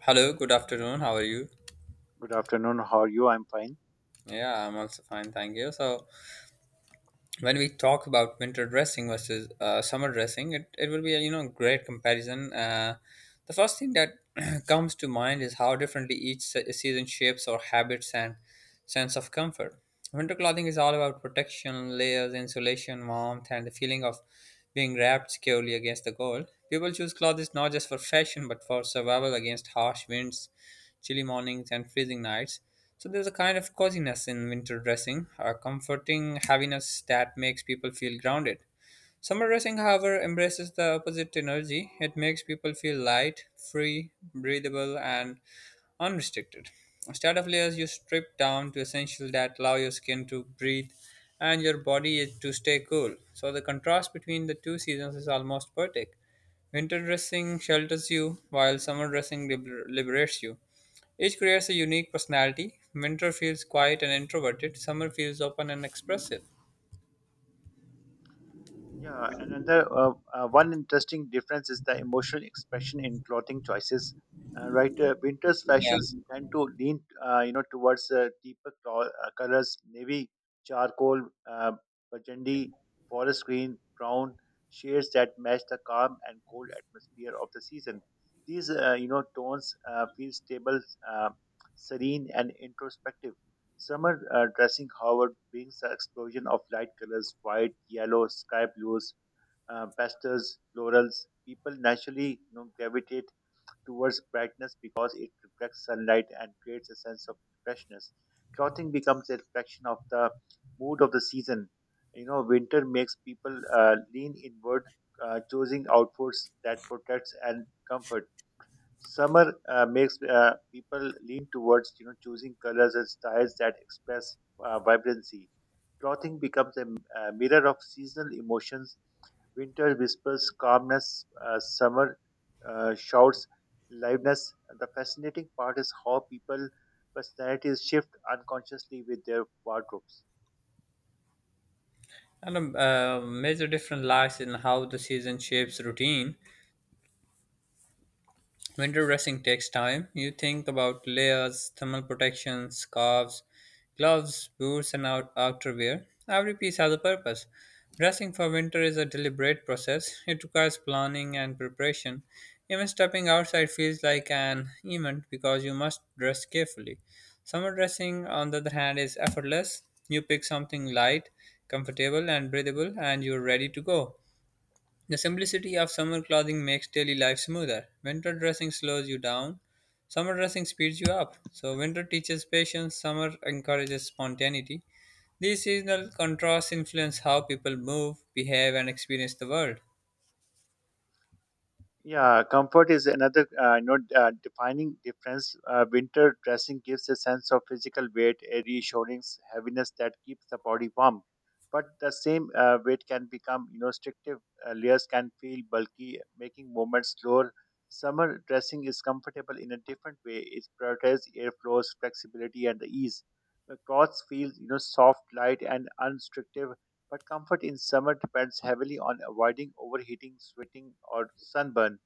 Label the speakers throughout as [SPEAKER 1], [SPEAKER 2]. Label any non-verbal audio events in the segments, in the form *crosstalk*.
[SPEAKER 1] Hello, good afternoon. How are you?
[SPEAKER 2] Good afternoon. How are you? I'm fine.
[SPEAKER 1] Yeah, I'm also fine, thank you. So, when we talk about winter dressing versus summer dressing, it will be a great comparison. The first thing that *clears throat* comes to mind is how differently each season shapes our habits and sense of comfort. Winter clothing is all about protection, layers, insulation, warmth, and the feeling of being wrapped securely against the cold. People choose clothes not just for fashion but for survival against harsh winds, chilly mornings, and freezing nights. So there's a kind of coziness in winter dressing, a comforting heaviness that makes people feel grounded. Summer dressing, however, embraces the opposite energy. It makes people feel light, free, breathable, and unrestricted. Startup layers you strip down to essentials that allow your skin to breathe and your body to stay cool. So the contrast between the two seasons is almost poetic. Winter dressing shelters you, while summer dressing liberates you. Each creates a unique personality. Winter feels quiet and introverted. Summer feels open and expressive.
[SPEAKER 2] Yeah, another one interesting difference is the emotional expression in clothing choices. Right, winter's fashions
[SPEAKER 1] Yeah.
[SPEAKER 2] tend to lean, towards deeper colors, navy, charcoal, uh, burgundy, forest green, brown shades that match the calm and cold atmosphere of the season. These, tones feel stable, uh, serene, and introspective. Summer dressing, however, brings the explosion of light colors white, yellow, sky blues, pastels, florals. People naturally, gravitate towards brightness because it reflects sunlight and creates a sense of freshness. Clothing becomes a reflection of the mood of the season. You know, winter makes people lean inward, choosing outfits that protects and comfort. Summer makes people lean towards, choosing colors and styles that express vibrancy. Clothing becomes a mirror of seasonal emotions. Winter whispers calmness. Summer shouts liveness. The fascinating part is how people personalities shift unconsciously with their wardrobes.
[SPEAKER 1] And a major difference lies in how the season shapes routine. Winter dressing takes time. You think about layers, thermal protection, scarves, gloves, boots, and outerwear. Every piece has a purpose. Dressing for winter is a deliberate process. It requires planning and preparation. Even stepping outside feels like an event because you must dress carefully. Summer dressing, on the other hand, is effortless. You pick something light, comfortable, and breathable, and you're ready to go. The simplicity of summer clothing makes daily life smoother. Winter dressing slows you down, summer dressing speeds you up. So, winter teaches patience, summer encourages spontaneity. These seasonal contrasts influence how people move, behave, and experience the world.
[SPEAKER 2] Yeah, comfort is another, defining difference. Winter dressing gives a sense of physical weight, a reassuring heaviness that keeps the body warm. But the same weight can become, restrictive. Layers can feel bulky, making movements slower. Summer dressing is comfortable in a different way. It prioritizes airflows, flexibility, and the ease. The clothes feel, soft, light, and unrestrictive. But comfort in summer depends heavily on avoiding overheating, sweating, or sunburn.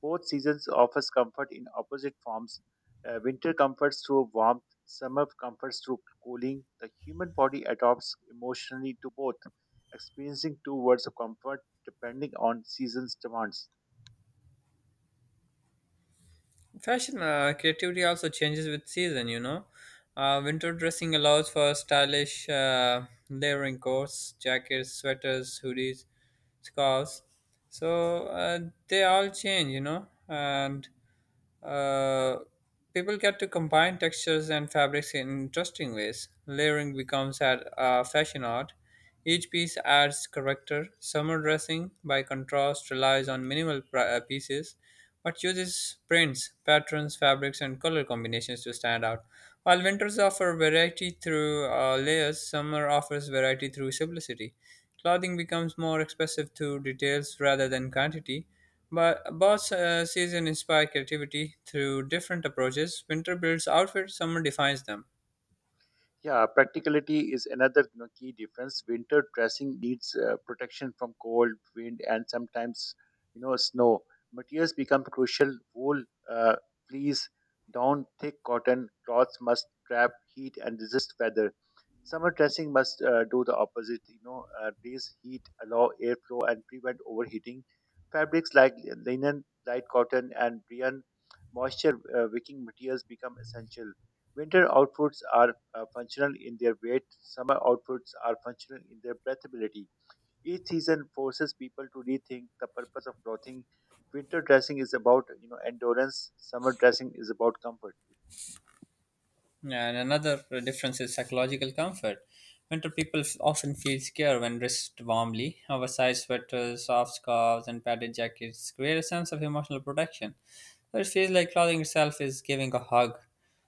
[SPEAKER 2] Both seasons offers comfort in opposite forms. Winter comforts through warmth, summer comforts through cooling. The human body adapts emotionally to both, experiencing two worlds of comfort depending on season's demands.
[SPEAKER 1] Fashion creativity also changes with season, winter dressing allows for stylish layering coats, jackets, sweaters, hoodies, scarves. So they all change, and Uh, people get to combine textures and fabrics in interesting ways. Layering becomes fashion art. Each piece adds character. Summer dressing, by contrast, relies on minimal pieces but uses prints, patterns, fabrics, and color combinations to stand out. While winters offer variety through layers, summer offers variety through simplicity. Clothing becomes more expressive through details rather than quantity. But both seasons inspire creativity through different approaches. Winter builds outfits, summer defines them.
[SPEAKER 2] Yeah, practicality is another, key difference. Winter dressing needs protection from cold, wind, and sometimes, snow. Materials become crucial. Wool, uh, fleece, down, thick cotton cloths must trap heat and resist weather. Summer dressing must do the opposite. Raise heat, allow airflow, and prevent overheating. Fabrics like linen, light cotton, and rayon moisture wicking materials become essential. Winter outfits are functional in their weight, summer outfits are functional in their breathability. Each season forces people to rethink the purpose of clothing. Winter dressing is about, endurance, summer dressing is about comfort.
[SPEAKER 1] And another difference is psychological comfort. Winter people often feel secure when dressed warmly. Oversized sweaters, soft scarves, and padded jackets create a sense of emotional protection. So it feels like clothing itself is giving a hug.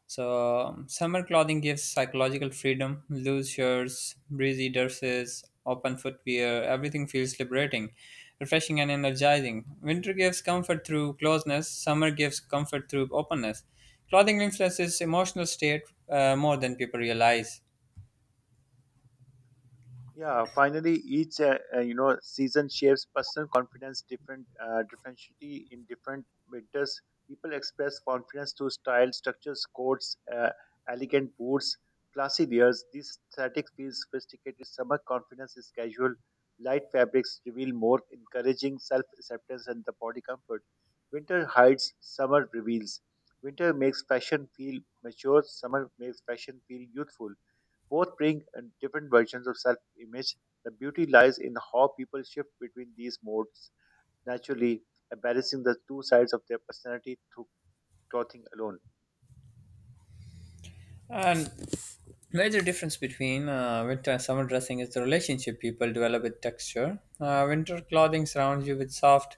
[SPEAKER 1] So summer clothing gives psychological freedom. Loose shirts, breezy dresses, open footwear, everything feels liberating, refreshing, and energizing. Winter gives comfort through closeness. Summer gives comfort through openness. Clothing influences emotional state more than people realize.
[SPEAKER 2] Yeah, finally, each season shapes personal confidence differently in different winters. People express confidence through style, structures, coats, elegant boots, classy wears. This aesthetic feels sophisticated. Summer confidence is casual. Light fabrics reveal more, encouraging self-acceptance and the body comfort. Winter hides, summer reveals. Winter makes fashion feel mature. Summer makes fashion feel youthful. Both bring different versions of self image. The beauty lies in how people shift between these modes naturally, embracing the two sides of their personality through clothing alone.
[SPEAKER 1] And major difference between winter and summer dressing is the relationship people develop with texture. Winter clothing surrounds you with soft,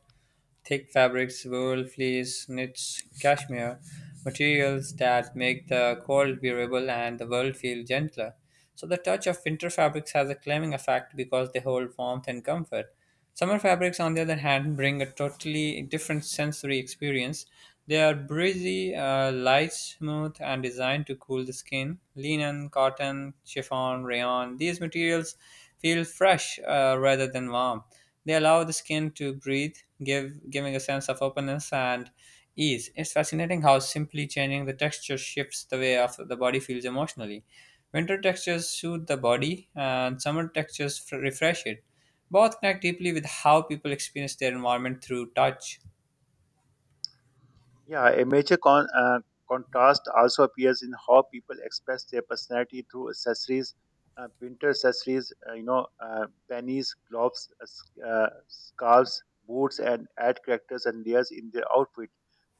[SPEAKER 1] thick fabrics, wool, fleece, knits, cashmere, materials that make the cold bearable and the world feel gentler. So the touch of winter fabrics has a calming effect because they hold warmth and comfort. Summer fabrics, on the other hand, bring a totally different sensory experience. They are breezy, light, smooth, and designed to cool the skin. Linen, cotton, chiffon, rayon, these materials feel fresh rather than warm. They allow the skin to breathe, give giving a sense of openness and ease. It's fascinating how simply changing the texture shifts the way of the body feels emotionally. Winter textures soothe the body, and summer textures refresh it. Both connect deeply with how people experience their environment through touch.
[SPEAKER 2] Yeah, a major contrast also appears in how people express their personality through accessories. Uh, winter accessories, pennies, gloves, scarves, boots, and add characters and layers in their outfit.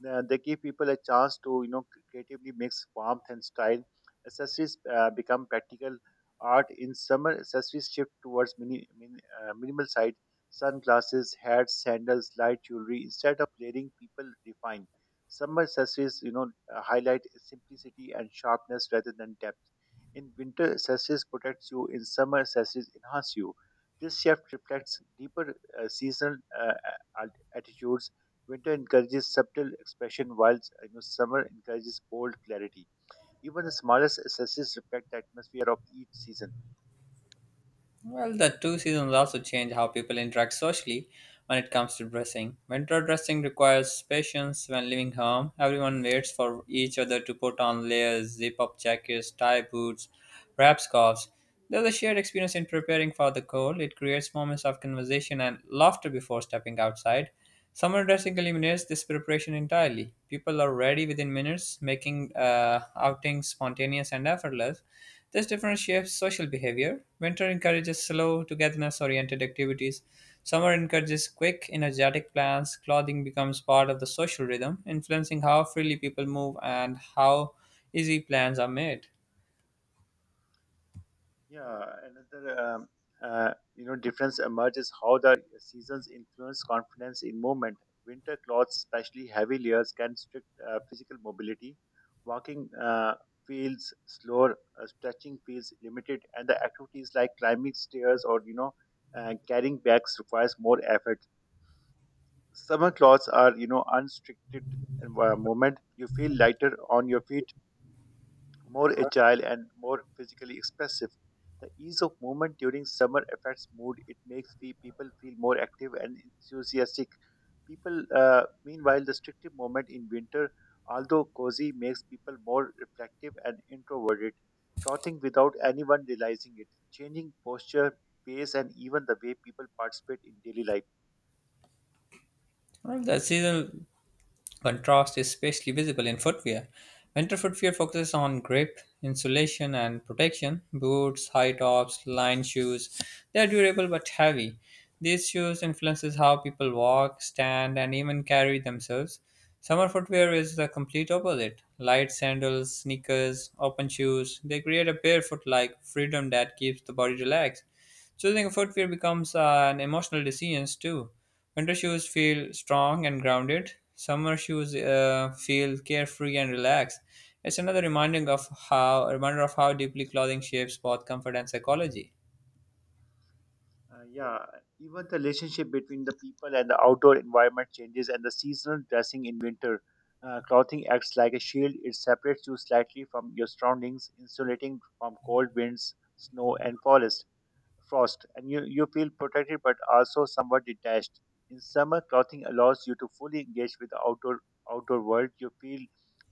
[SPEAKER 2] They give people a chance to, you know, creatively mix warmth and style. Accessories become practical art. In summer, accessories shift towards minimal side, sunglasses, hats, sandals, light jewelry, instead of layering people refine. Summer solstices, highlight simplicity and sharpness rather than depth. In winter, solstice protects you. In summer, solstice enhance you. This shift reflects deeper seasonal attitudes. Winter encourages subtle expression, while, summer encourages bold clarity. Even the smallest solstices reflect the atmosphere of each season.
[SPEAKER 1] Well, the two seasons also change how people interact socially when it comes to dressing. Winter dressing requires patience when leaving home. Everyone waits for each other to put on layers, zip up jackets, tie boots, wrap scarves. There's a shared experience in preparing for the cold. It creates moments of conversation and laughter before stepping outside. Summer dressing eliminates this preparation entirely. People are ready within minutes, making outings spontaneous and effortless. This difference shapes social behavior. Winter encourages slow, togetherness oriented activities. Summer encourages quick, energetic plans. Clothing becomes part of the social rhythm, influencing how freely people move and how easy plans are made.
[SPEAKER 2] Yeah, another difference emerges how the seasons influence confidence in movement. Winter clothes, especially heavy layers, can restrict physical mobility. Walking feels slower, stretching feels limited, and the activities like climbing stairs or, carrying bags requires more effort. Summer clothes are, unrestricted movement. You feel lighter on your feet, more agile and more physically expressive. The ease of movement during summer affects mood. It makes people feel more active and enthusiastic. People, meanwhile, the strictive moment in winter, although cozy, makes people more reflective and introverted, trotting without anyone realizing it, changing posture, pace, and even the way people participate in daily life.
[SPEAKER 1] Well, the seasonal contrast is especially visible in footwear. Winter footwear focuses on grip, insulation, and protection. Boots, high tops, lined shoes. They are durable but heavy. These shoes influences how people walk, stand, and even carry themselves. Summer footwear is the complete opposite. Light sandals, sneakers, open shoes. They create a barefoot-like freedom that keeps the body relaxed. Choosing footwear becomes an emotional decision too. Winter shoes feel strong and grounded. Summer shoes feel carefree and relaxed. It's another reminding of how reminder of how deeply clothing shapes both comfort and psychology.
[SPEAKER 2] Yeah, even the relationship between the people and the outdoor environment changes, and the seasonal dressing in winter. Clothing acts like a shield. It separates you slightly from your surroundings, insulating from cold winds, snow, and forest frost, and you feel protected but also somewhat detached. In summer, clothing allows you to fully engage with the outdoor world. You feel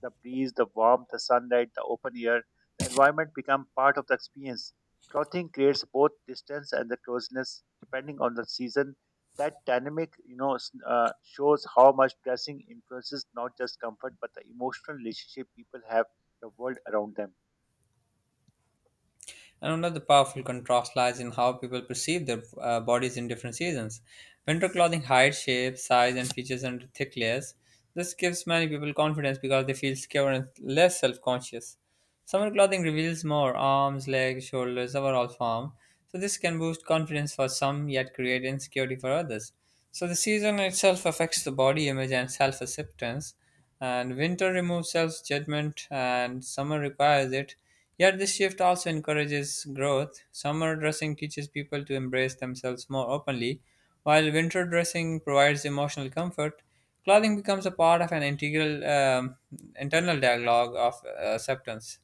[SPEAKER 2] the breeze, the warmth, the sunlight, the open air. The environment become part of the experience. Clothing creates both distance and the closeness depending on the season. That dynamic, shows how much dressing influences not just comfort but the emotional relationship people have the world around them.
[SPEAKER 1] And another powerful contrast lies in how people perceive their bodies in different seasons. Winter clothing hides shape, size, and features under thick layers. This gives many people confidence because they feel secure and less self conscious. Summer clothing reveals more arms, legs, shoulders, overall form. So, this can boost confidence for some yet create insecurity for others. So, the season itself affects the body image and self acceptance, and winter removes self judgment, and summer requires it. Yet this shift also encourages growth. Summer dressing teaches people to embrace themselves more openly, while winter dressing provides emotional comfort. Clothing becomes a part of an integral internal dialogue of acceptance.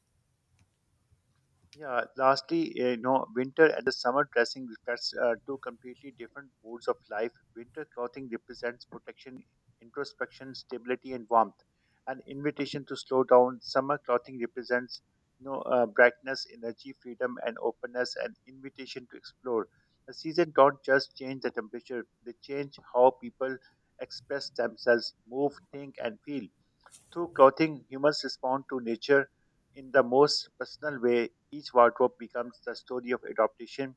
[SPEAKER 2] Yeah, lastly, you know, winter and the summer dressing reflects two completely different modes of life. Winter clothing represents protection, introspection, stability, and warmth, an invitation to slow down. Summer clothing represents, brightness, energy, freedom, and openness, an invitation to explore. The season don't just change the temperature; they change how people express themselves, move, think, and feel. Through clothing, humans respond to nature in the most personal way. Each wardrobe becomes the story of adaptation,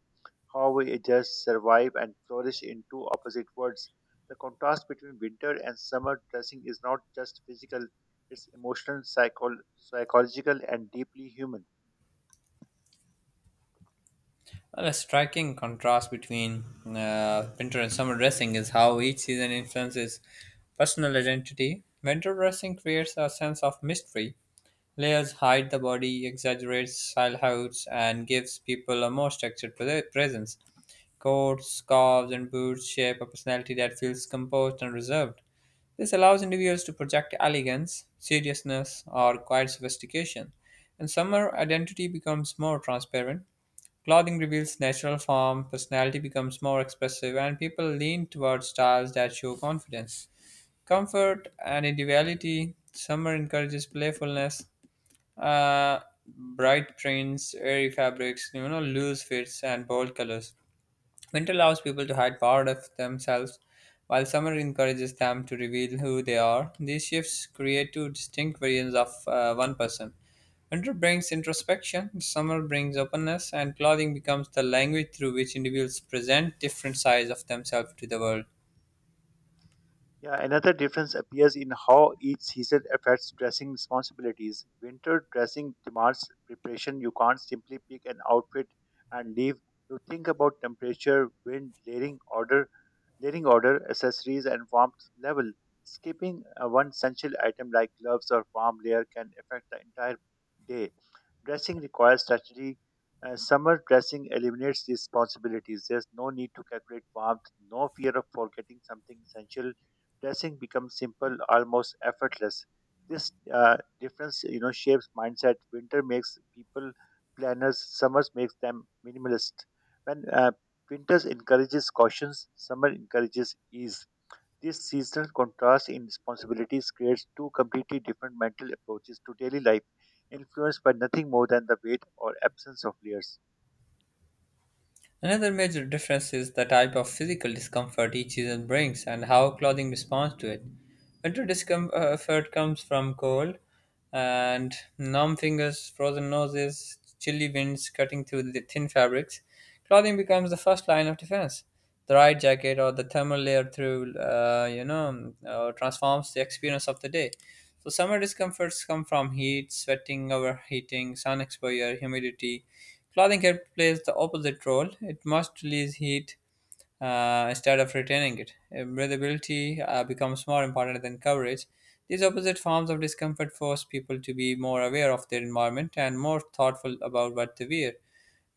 [SPEAKER 2] how we adjust, survive, and flourish in two opposite worlds. The contrast between winter and summer dressing is not just physical, it's emotional, psychological, and deeply human.
[SPEAKER 1] Well, a striking contrast between winter and summer dressing is how each season influences personal identity. Winter dressing creates a sense of mystery. Layers hide the body, exaggerates style heights, and gives people a more structured presence. Coats, scarves, and boots shape a personality that feels composed and reserved. This allows individuals to project elegance, seriousness, or quiet sophistication. In summer, identity becomes more transparent. Clothing reveals natural form, personality becomes more expressive, and people lean towards styles that show confidence, comfort, and individuality. Summer encourages playfulness, uh, bright prints, airy fabrics, you know, loose fits, and bold colors. Winter allows people to hide part of themselves, while summer encourages them to reveal who they are. These shifts create two distinct versions of one person. Winter brings introspection, summer brings openness, and clothing becomes the language through which individuals present different sides of themselves to the world.
[SPEAKER 2] Yeah, another difference appears in how each season affects dressing responsibilities. Winter dressing demands preparation. You can't simply pick an outfit and leave. You think about temperature, wind, layering, order, letting order accessories and warmth level. Skipping one essential item like gloves or warm layer can affect the entire day. Dressing requires strategy. Summer dressing eliminates these responsibilities. There's no need to calculate warmth, no fear of forgetting something essential. Dressing becomes simple, almost effortless. This difference, shapes mindset. Winter makes people planners. Summers makes them minimalist. When Winters encourages caution, summer encourages ease. This seasonal contrast in responsibilities creates two completely different mental approaches to daily life, influenced by nothing more than the weight or absence of layers.
[SPEAKER 1] Another major difference is the type of physical discomfort each season brings and how clothing responds to it. Winter discomfort comes from cold and numb fingers, frozen noses, chilly winds cutting through the thin fabrics. Clothing becomes the first line of defense, the right jacket or the thermal layer through transforms the experience of the day. So summer discomforts come from heat sweating, overheating, sun exposure, humidity. Clothing here plays the opposite role, it must release heat instead of retaining it. Breathability becomes more important than coverage. These opposite forms of discomfort force people to be more aware of their environment and more thoughtful about what they wear.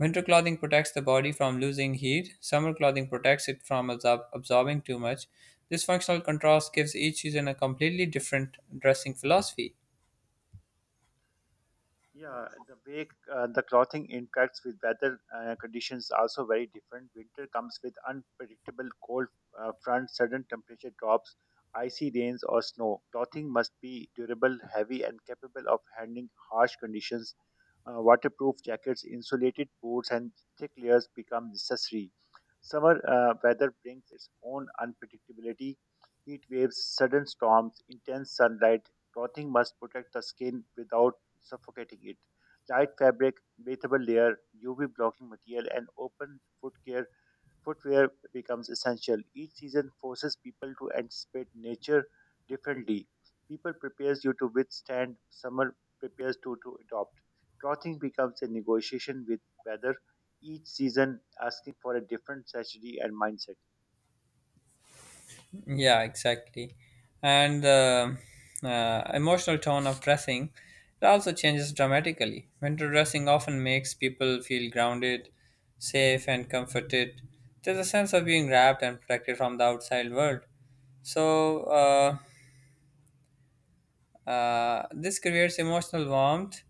[SPEAKER 1] Winter clothing protects the body from losing heat. Summer clothing protects it from absorbing too much. This functional contrast gives each season a completely different dressing philosophy.
[SPEAKER 2] Yeah, the way the clothing interacts with weather conditions also very different. Winter comes with unpredictable cold fronts, sudden temperature drops, icy rains, or snow. Clothing must be durable, heavy, and capable of handling harsh conditions. Waterproof jackets, insulated boots, and thick layers become necessary. Summer weather brings its own unpredictability. Heat waves, sudden storms, intense sunlight. Clothing must protect the skin without suffocating it. Light fabric, breathable layer, UV blocking material, and open footgear footwear becomes essential. Each season forces people to anticipate nature differently. People prepares you to withstand, summer prepares you to adopt. Clothing becomes a negotiation with weather, each season asking for a different strategy and mindset.
[SPEAKER 1] Yeah, exactly. And the emotional tone of dressing it also changes dramatically. Winter dressing often makes people feel grounded, safe, and comforted. There's a sense of being wrapped and protected from the outside world. So, this creates emotional warmth,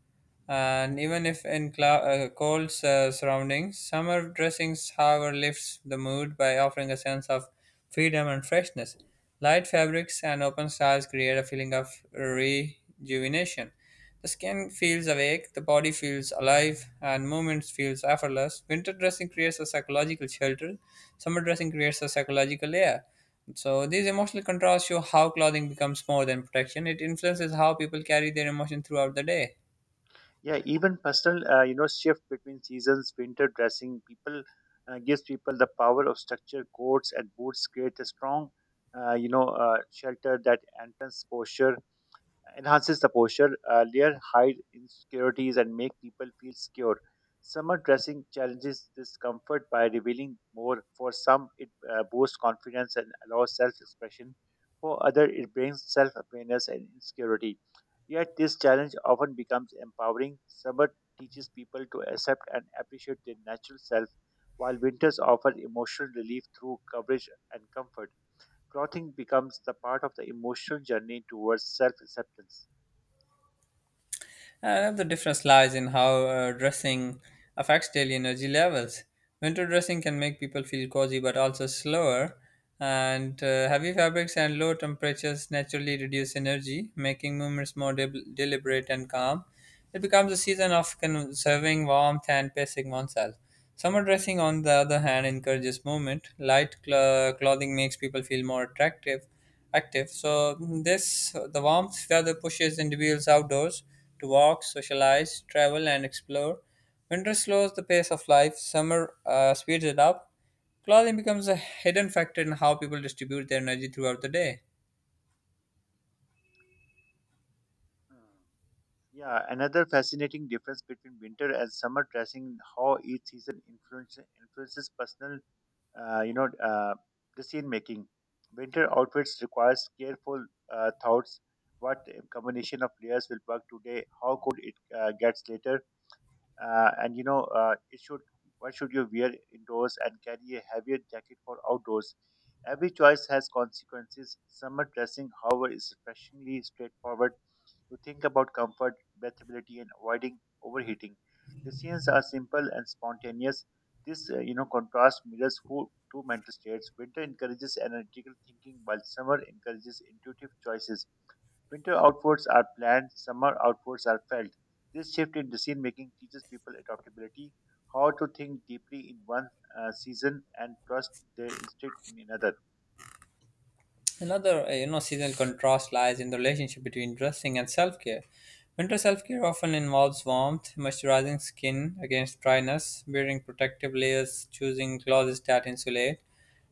[SPEAKER 1] and even if in cold surroundings, summer dressings, however, lifts the mood by offering a sense of freedom and freshness. Light fabrics and open styles create a feeling of rejuvenation, the skin feels awake, the body feels alive, and movement feels effortless. Winter dressing creates a psychological shelter, summer dressing creates a psychological layer. So, these emotional contrasts show how clothing becomes more than protection. It influences how people carry their emotion throughout the day.
[SPEAKER 2] Yeah, even personal, shift between seasons, winter dressing, people gives people the power of structure. Coats and boots create a strong, shelter that enhances the posture. Uh, layer hide insecurities, and make people feel secure. Summer dressing challenges discomfort by revealing more. For some, it boosts confidence and allows self expression. For others, it brings self awareness and insecurity. Yet, this challenge often becomes empowering. Summer teaches people to accept and appreciate their natural self, while winters offer emotional relief through coverage and comfort. Clothing becomes the part of the emotional journey towards self acceptance.
[SPEAKER 1] Another difference lies in how dressing affects daily energy levels. Winter dressing can make people feel cozy but also slower, and heavy fabrics and low temperatures naturally reduce energy, making movements more deliberate and calm. It becomes a season of conserving warmth and pacing oneself. Summer dressing, on the other hand, encourages movement. Light clothing makes people feel more attractive, active. So this the warmth weather pushes individuals outdoors to walk, socialize, travel, and explore. Winter slows the pace of life. Summer speeds it up. Clothing becomes a hidden factor in how people distribute their energy throughout the day.
[SPEAKER 2] Mm. Yeah, another fascinating difference between winter and summer dressing, how each season influences personal, uh, you know, uh, decision making. Winter outfits requires careful thoughts. What combination of layers will work today? How could it gets later? It should. What should you wear indoors and carry a heavier jacket for outdoors? Every choice has consequences. Summer dressing, however, is refreshingly straightforward to think about comfort, breathability, and avoiding overheating. The scenes are simple and spontaneous. This, contrast mirrors who, two mental states. Winter encourages analytical thinking, while summer encourages intuitive choices. Winter outwards are planned, summer outwards are felt. This shift in decision making teaches people adaptability, how to think deeply in one season and trust their instinct in another.
[SPEAKER 1] Another seasonal contrast lies in the relationship between dressing and self-care. Winter self-care often involves warmth, moisturizing skin against dryness, wearing protective layers, choosing clothes that insulate.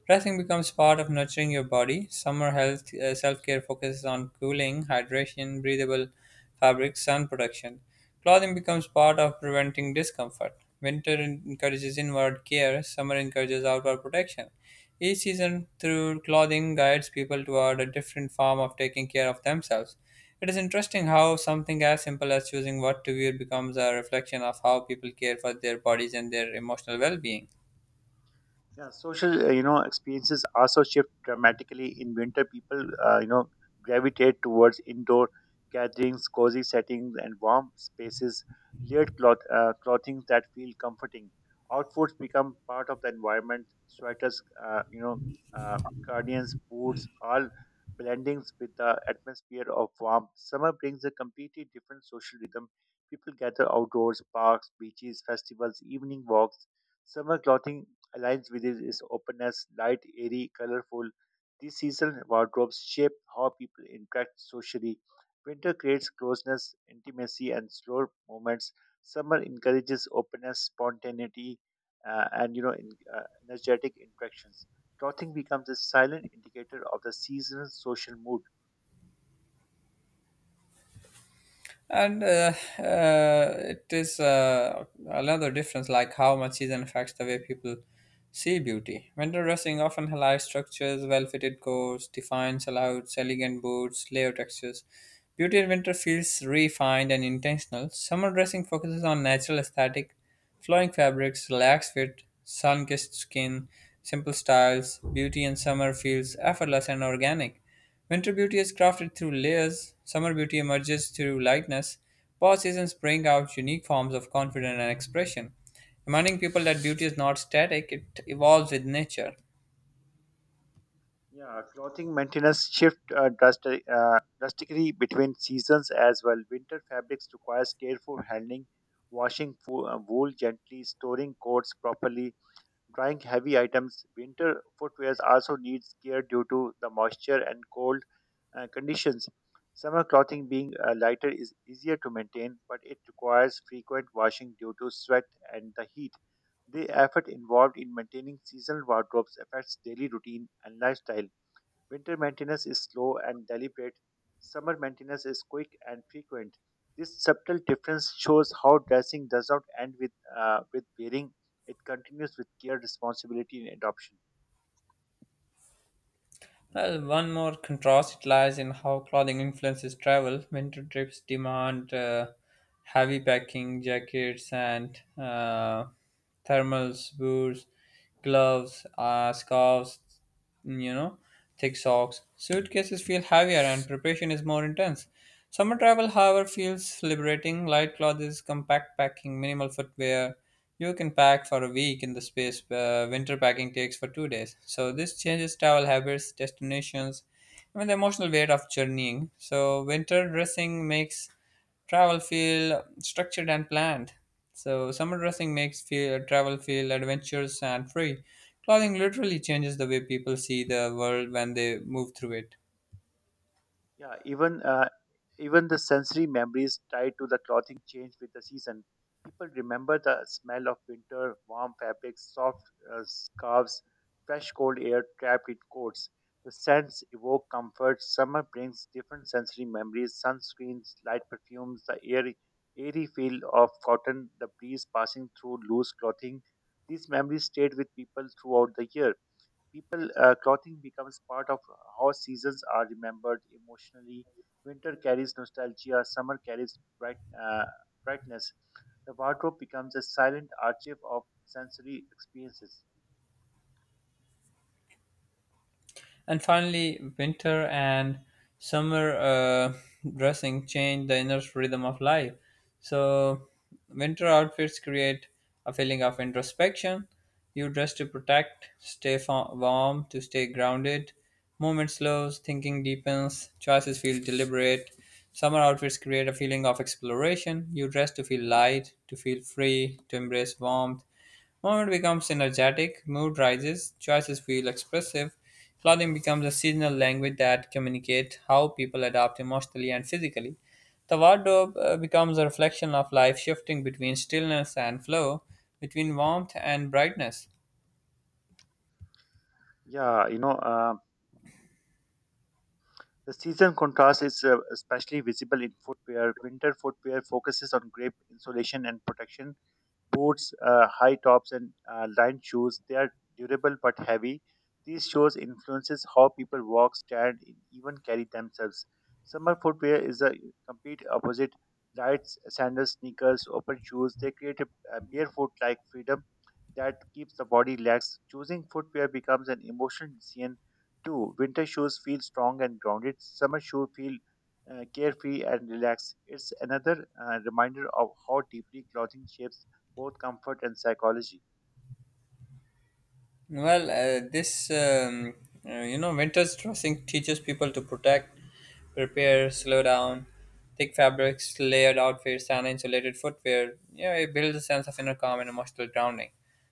[SPEAKER 1] Resting becomes part of nurturing your body. Summer health self-care focuses on cooling, hydration, breathable fabrics, sun protection. Clothing becomes part of preventing discomfort. Encourages inward care. Summer encourages outward protection. Each season through clothing guides people toward a different form of taking care of themselves. It is interesting how something as simple as choosing what to wear becomes a reflection of how people care for their bodies and their emotional well-being.
[SPEAKER 2] Yeah, social, experiences also shift dramatically in winter. People, gravitate towards indoor gatherings, cozy settings, and warm spaces. Layered clothing that feel comforting. Outfits become part of the environment. Sweaters, uh, guardians, boots, all blendings with the atmosphere of warmth. Summer brings a completely different social rhythm. People gather outdoors, parks, beaches, festivals, evening walks. Summer clothing aligns with its openness, light, airy, colorful. These seasonal wardrobes shape how people interact socially. Winter creates closeness, intimacy, and slow moments. Summer encourages openness, spontaneity, and you know, in, energetic interactions. Clothing becomes a silent indicator of the season's social mood.
[SPEAKER 1] And it is another difference, like how much season affects the way people see beauty. Winter dressing often highlights structures, well-fitted coats, defined silhouettes, elegant boots, layer textures. Beauty in winter feels refined and intentional. Summer dressing focuses on natural aesthetic. Flowing fabrics, relaxed fit, sun-kissed skin, simple styles, beauty in summer feels effortless and organic. Winter beauty is crafted through layers, summer beauty emerges through lightness. Both seasons bring out unique forms of confidence and expression, reminding people that beauty is not static, it evolves with nature.
[SPEAKER 2] Yeah, clothing maintenance shift drastically between seasons as well. Winter fabrics requires careful handling, washing wool gently, storing coats properly, drying heavy items. Winter footwear also needs care due to the moisture and cold conditions. Summer clothing being lighter is easier to maintain, but it requires frequent washing due to sweat and the heat. The effort involved in maintaining seasonal wardrobes affects daily routine and lifestyle. Winter maintenance is slow and deliberate. Summer maintenance is quick and frequent. This subtle difference shows how dressing does not end with wearing, it continues with care, responsibility, and adoption.
[SPEAKER 1] Well, one more contrast lies in how clothing influences travel. Winter trips demand heavy packing, jackets, and thermals, boots, gloves, scarves, you know, thick socks. Suitcases feel heavier, and preparation is more intense. Summer travel, however, feels liberating. Light clothes, compact packing, minimal footwear. You can pack for a week in the space winter packing takes for 2 days. So this changes travel habits, destinations, even the emotional weight of journeying. So winter dressing makes travel feel structured and planned. So summer dressing makes feel, travel feel adventurous and free. Clothing literally changes the way people see the world when they move through it.
[SPEAKER 2] Yeah, even the sensory memories tied to the clothing change with the season. People remember the smell of winter, warm fabrics, soft scarves, fresh cold air trapped in coats. The scents evoke comfort. Summer brings different sensory memories: sunscreens, light perfumes, the airy feel of cotton, the breeze passing through loose clothing. These memories stayed with people throughout the year. People Clothing becomes part of how seasons are remembered emotionally. Winter carries nostalgia, summer carries brightness. The wardrobe becomes a silent archive of sensory experiences.
[SPEAKER 1] And finally, winter and summer dressing change the inner rhythm of life. So, winter outfits create a feeling of introspection. You dress to protect, warm, to stay grounded. Movement slows, thinking deepens, choices feel deliberate. Summer outfits create a feeling of exploration. You dress to feel light, to feel free, to embrace warmth. Moment becomes energetic, mood rises, choices feel expressive. Clothing becomes a seasonal language that communicates how people adapt emotionally and physically. The wardrobe becomes a reflection of life shifting between stillness and flow, between warmth and brightness.
[SPEAKER 2] Yeah, the season contrast is especially visible in footwear. Winter footwear focuses on grip insulation and protection, boots, high tops, and lined shoes. They are durable but heavy. These shoes influences how people walk, stand, and even carry themselves. Summer footwear is the complete opposite. Lights, sandals, sneakers, open shoes. They create a barefoot-like freedom that keeps the body relaxed. Choosing footwear becomes an emotional decision too. Winter shoes feel strong and grounded. Summer shoes feel carefree and relaxed. It's another reminder of how deeply clothing shapes both comfort and psychology.
[SPEAKER 1] Well, this you know winter's dressing teaches people to protect, prepare, slow down. Thick fabrics, layered outfits, and insulated footwear, it builds a sense of inner calm and emotional grounding.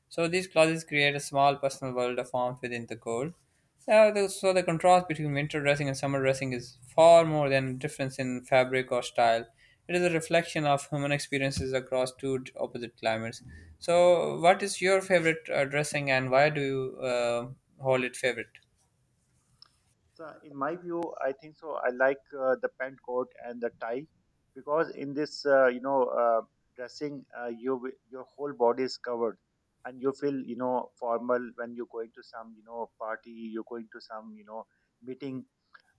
[SPEAKER 1] So these closets create a small personal world of warmth within the cold. So the contrast between winter dressing and summer dressing is far more than a difference in fabric or style. It is a reflection of human experiences across opposite climates. So, what is your favorite dressing, and why do you hold it favorite?
[SPEAKER 2] So, in my view, I think so. I like the pant coat and the tie because in this dressing, your whole body is covered, and you feel formal when you're going to some party. You're going to some meeting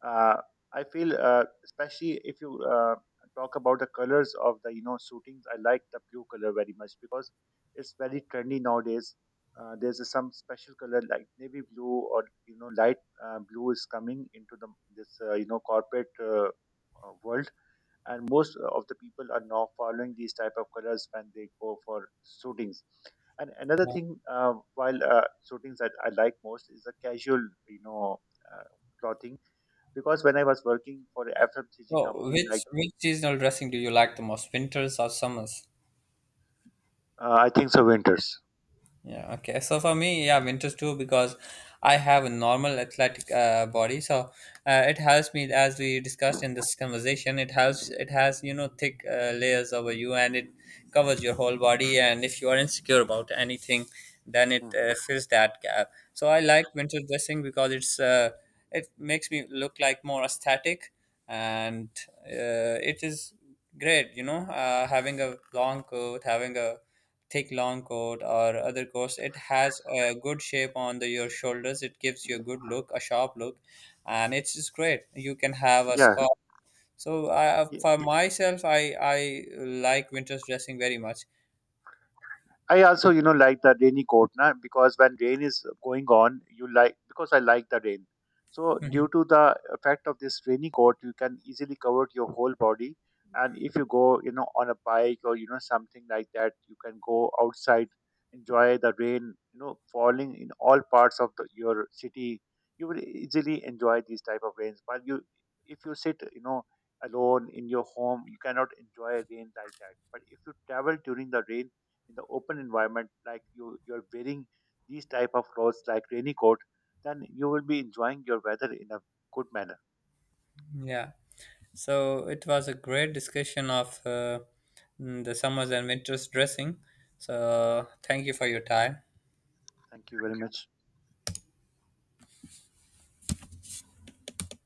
[SPEAKER 2] uh, I feel especially if you talk about the colors of the suitings, I like the blue color very much because it's very trendy nowadays. Some special color like navy blue or light blue is coming into the this you know corporate world, and most of the people are now following these type of colors when they go for suitings. And another
[SPEAKER 1] Yeah.
[SPEAKER 2] thing, while suitings that I like most is the casual, uh, clothing because when I was working for a FMCG
[SPEAKER 1] So,
[SPEAKER 2] company,
[SPEAKER 1] which
[SPEAKER 2] like
[SPEAKER 1] which seasonal dressing do you like the most, winters or summers?
[SPEAKER 2] I think so, Winters.
[SPEAKER 1] Yeah, okay. So for me, yeah, winters too, because I have a normal athletic body, so it helps me. As we discussed in this conversation, it helps. It has, you know, thick layers over you, and it covers your whole body. And if you are insecure about anything, then it
[SPEAKER 2] Hmm.
[SPEAKER 1] fills that gap. So I like winter dressing because it makes me look like more aesthetic, and it is great. You know, having a long coat, having a thick long coat or other coats, it has a good shape on the, your shoulders. It gives you a good look, a sharp look, and it's just great. You can have a
[SPEAKER 2] Yeah,
[SPEAKER 1] scarf, so I, for myself, I like winter's dressing very much. *laughs*
[SPEAKER 2] I also, you know, like the rainy coat, na, because when rain is going on, you like because I like the rain. So due to the effect of this rainy coat, you can easily cover your whole body. And if you go, you know, on a bike or you know something like that, you can go outside, enjoy the rain, you know, falling in all parts of the, your city. You will easily enjoy these type of rains. But you, if you sit, you know, alone in your home, you cannot enjoy rain like that. But if you travel during the rain in the open environment like you're wearing these type of clothes like rainy coat, then you will be enjoying your weather in a good manner.
[SPEAKER 1] Mhm. Yeah, so it was a great discussion of the summers and winters dressing, so thank you for your time.
[SPEAKER 2] Thank you very much.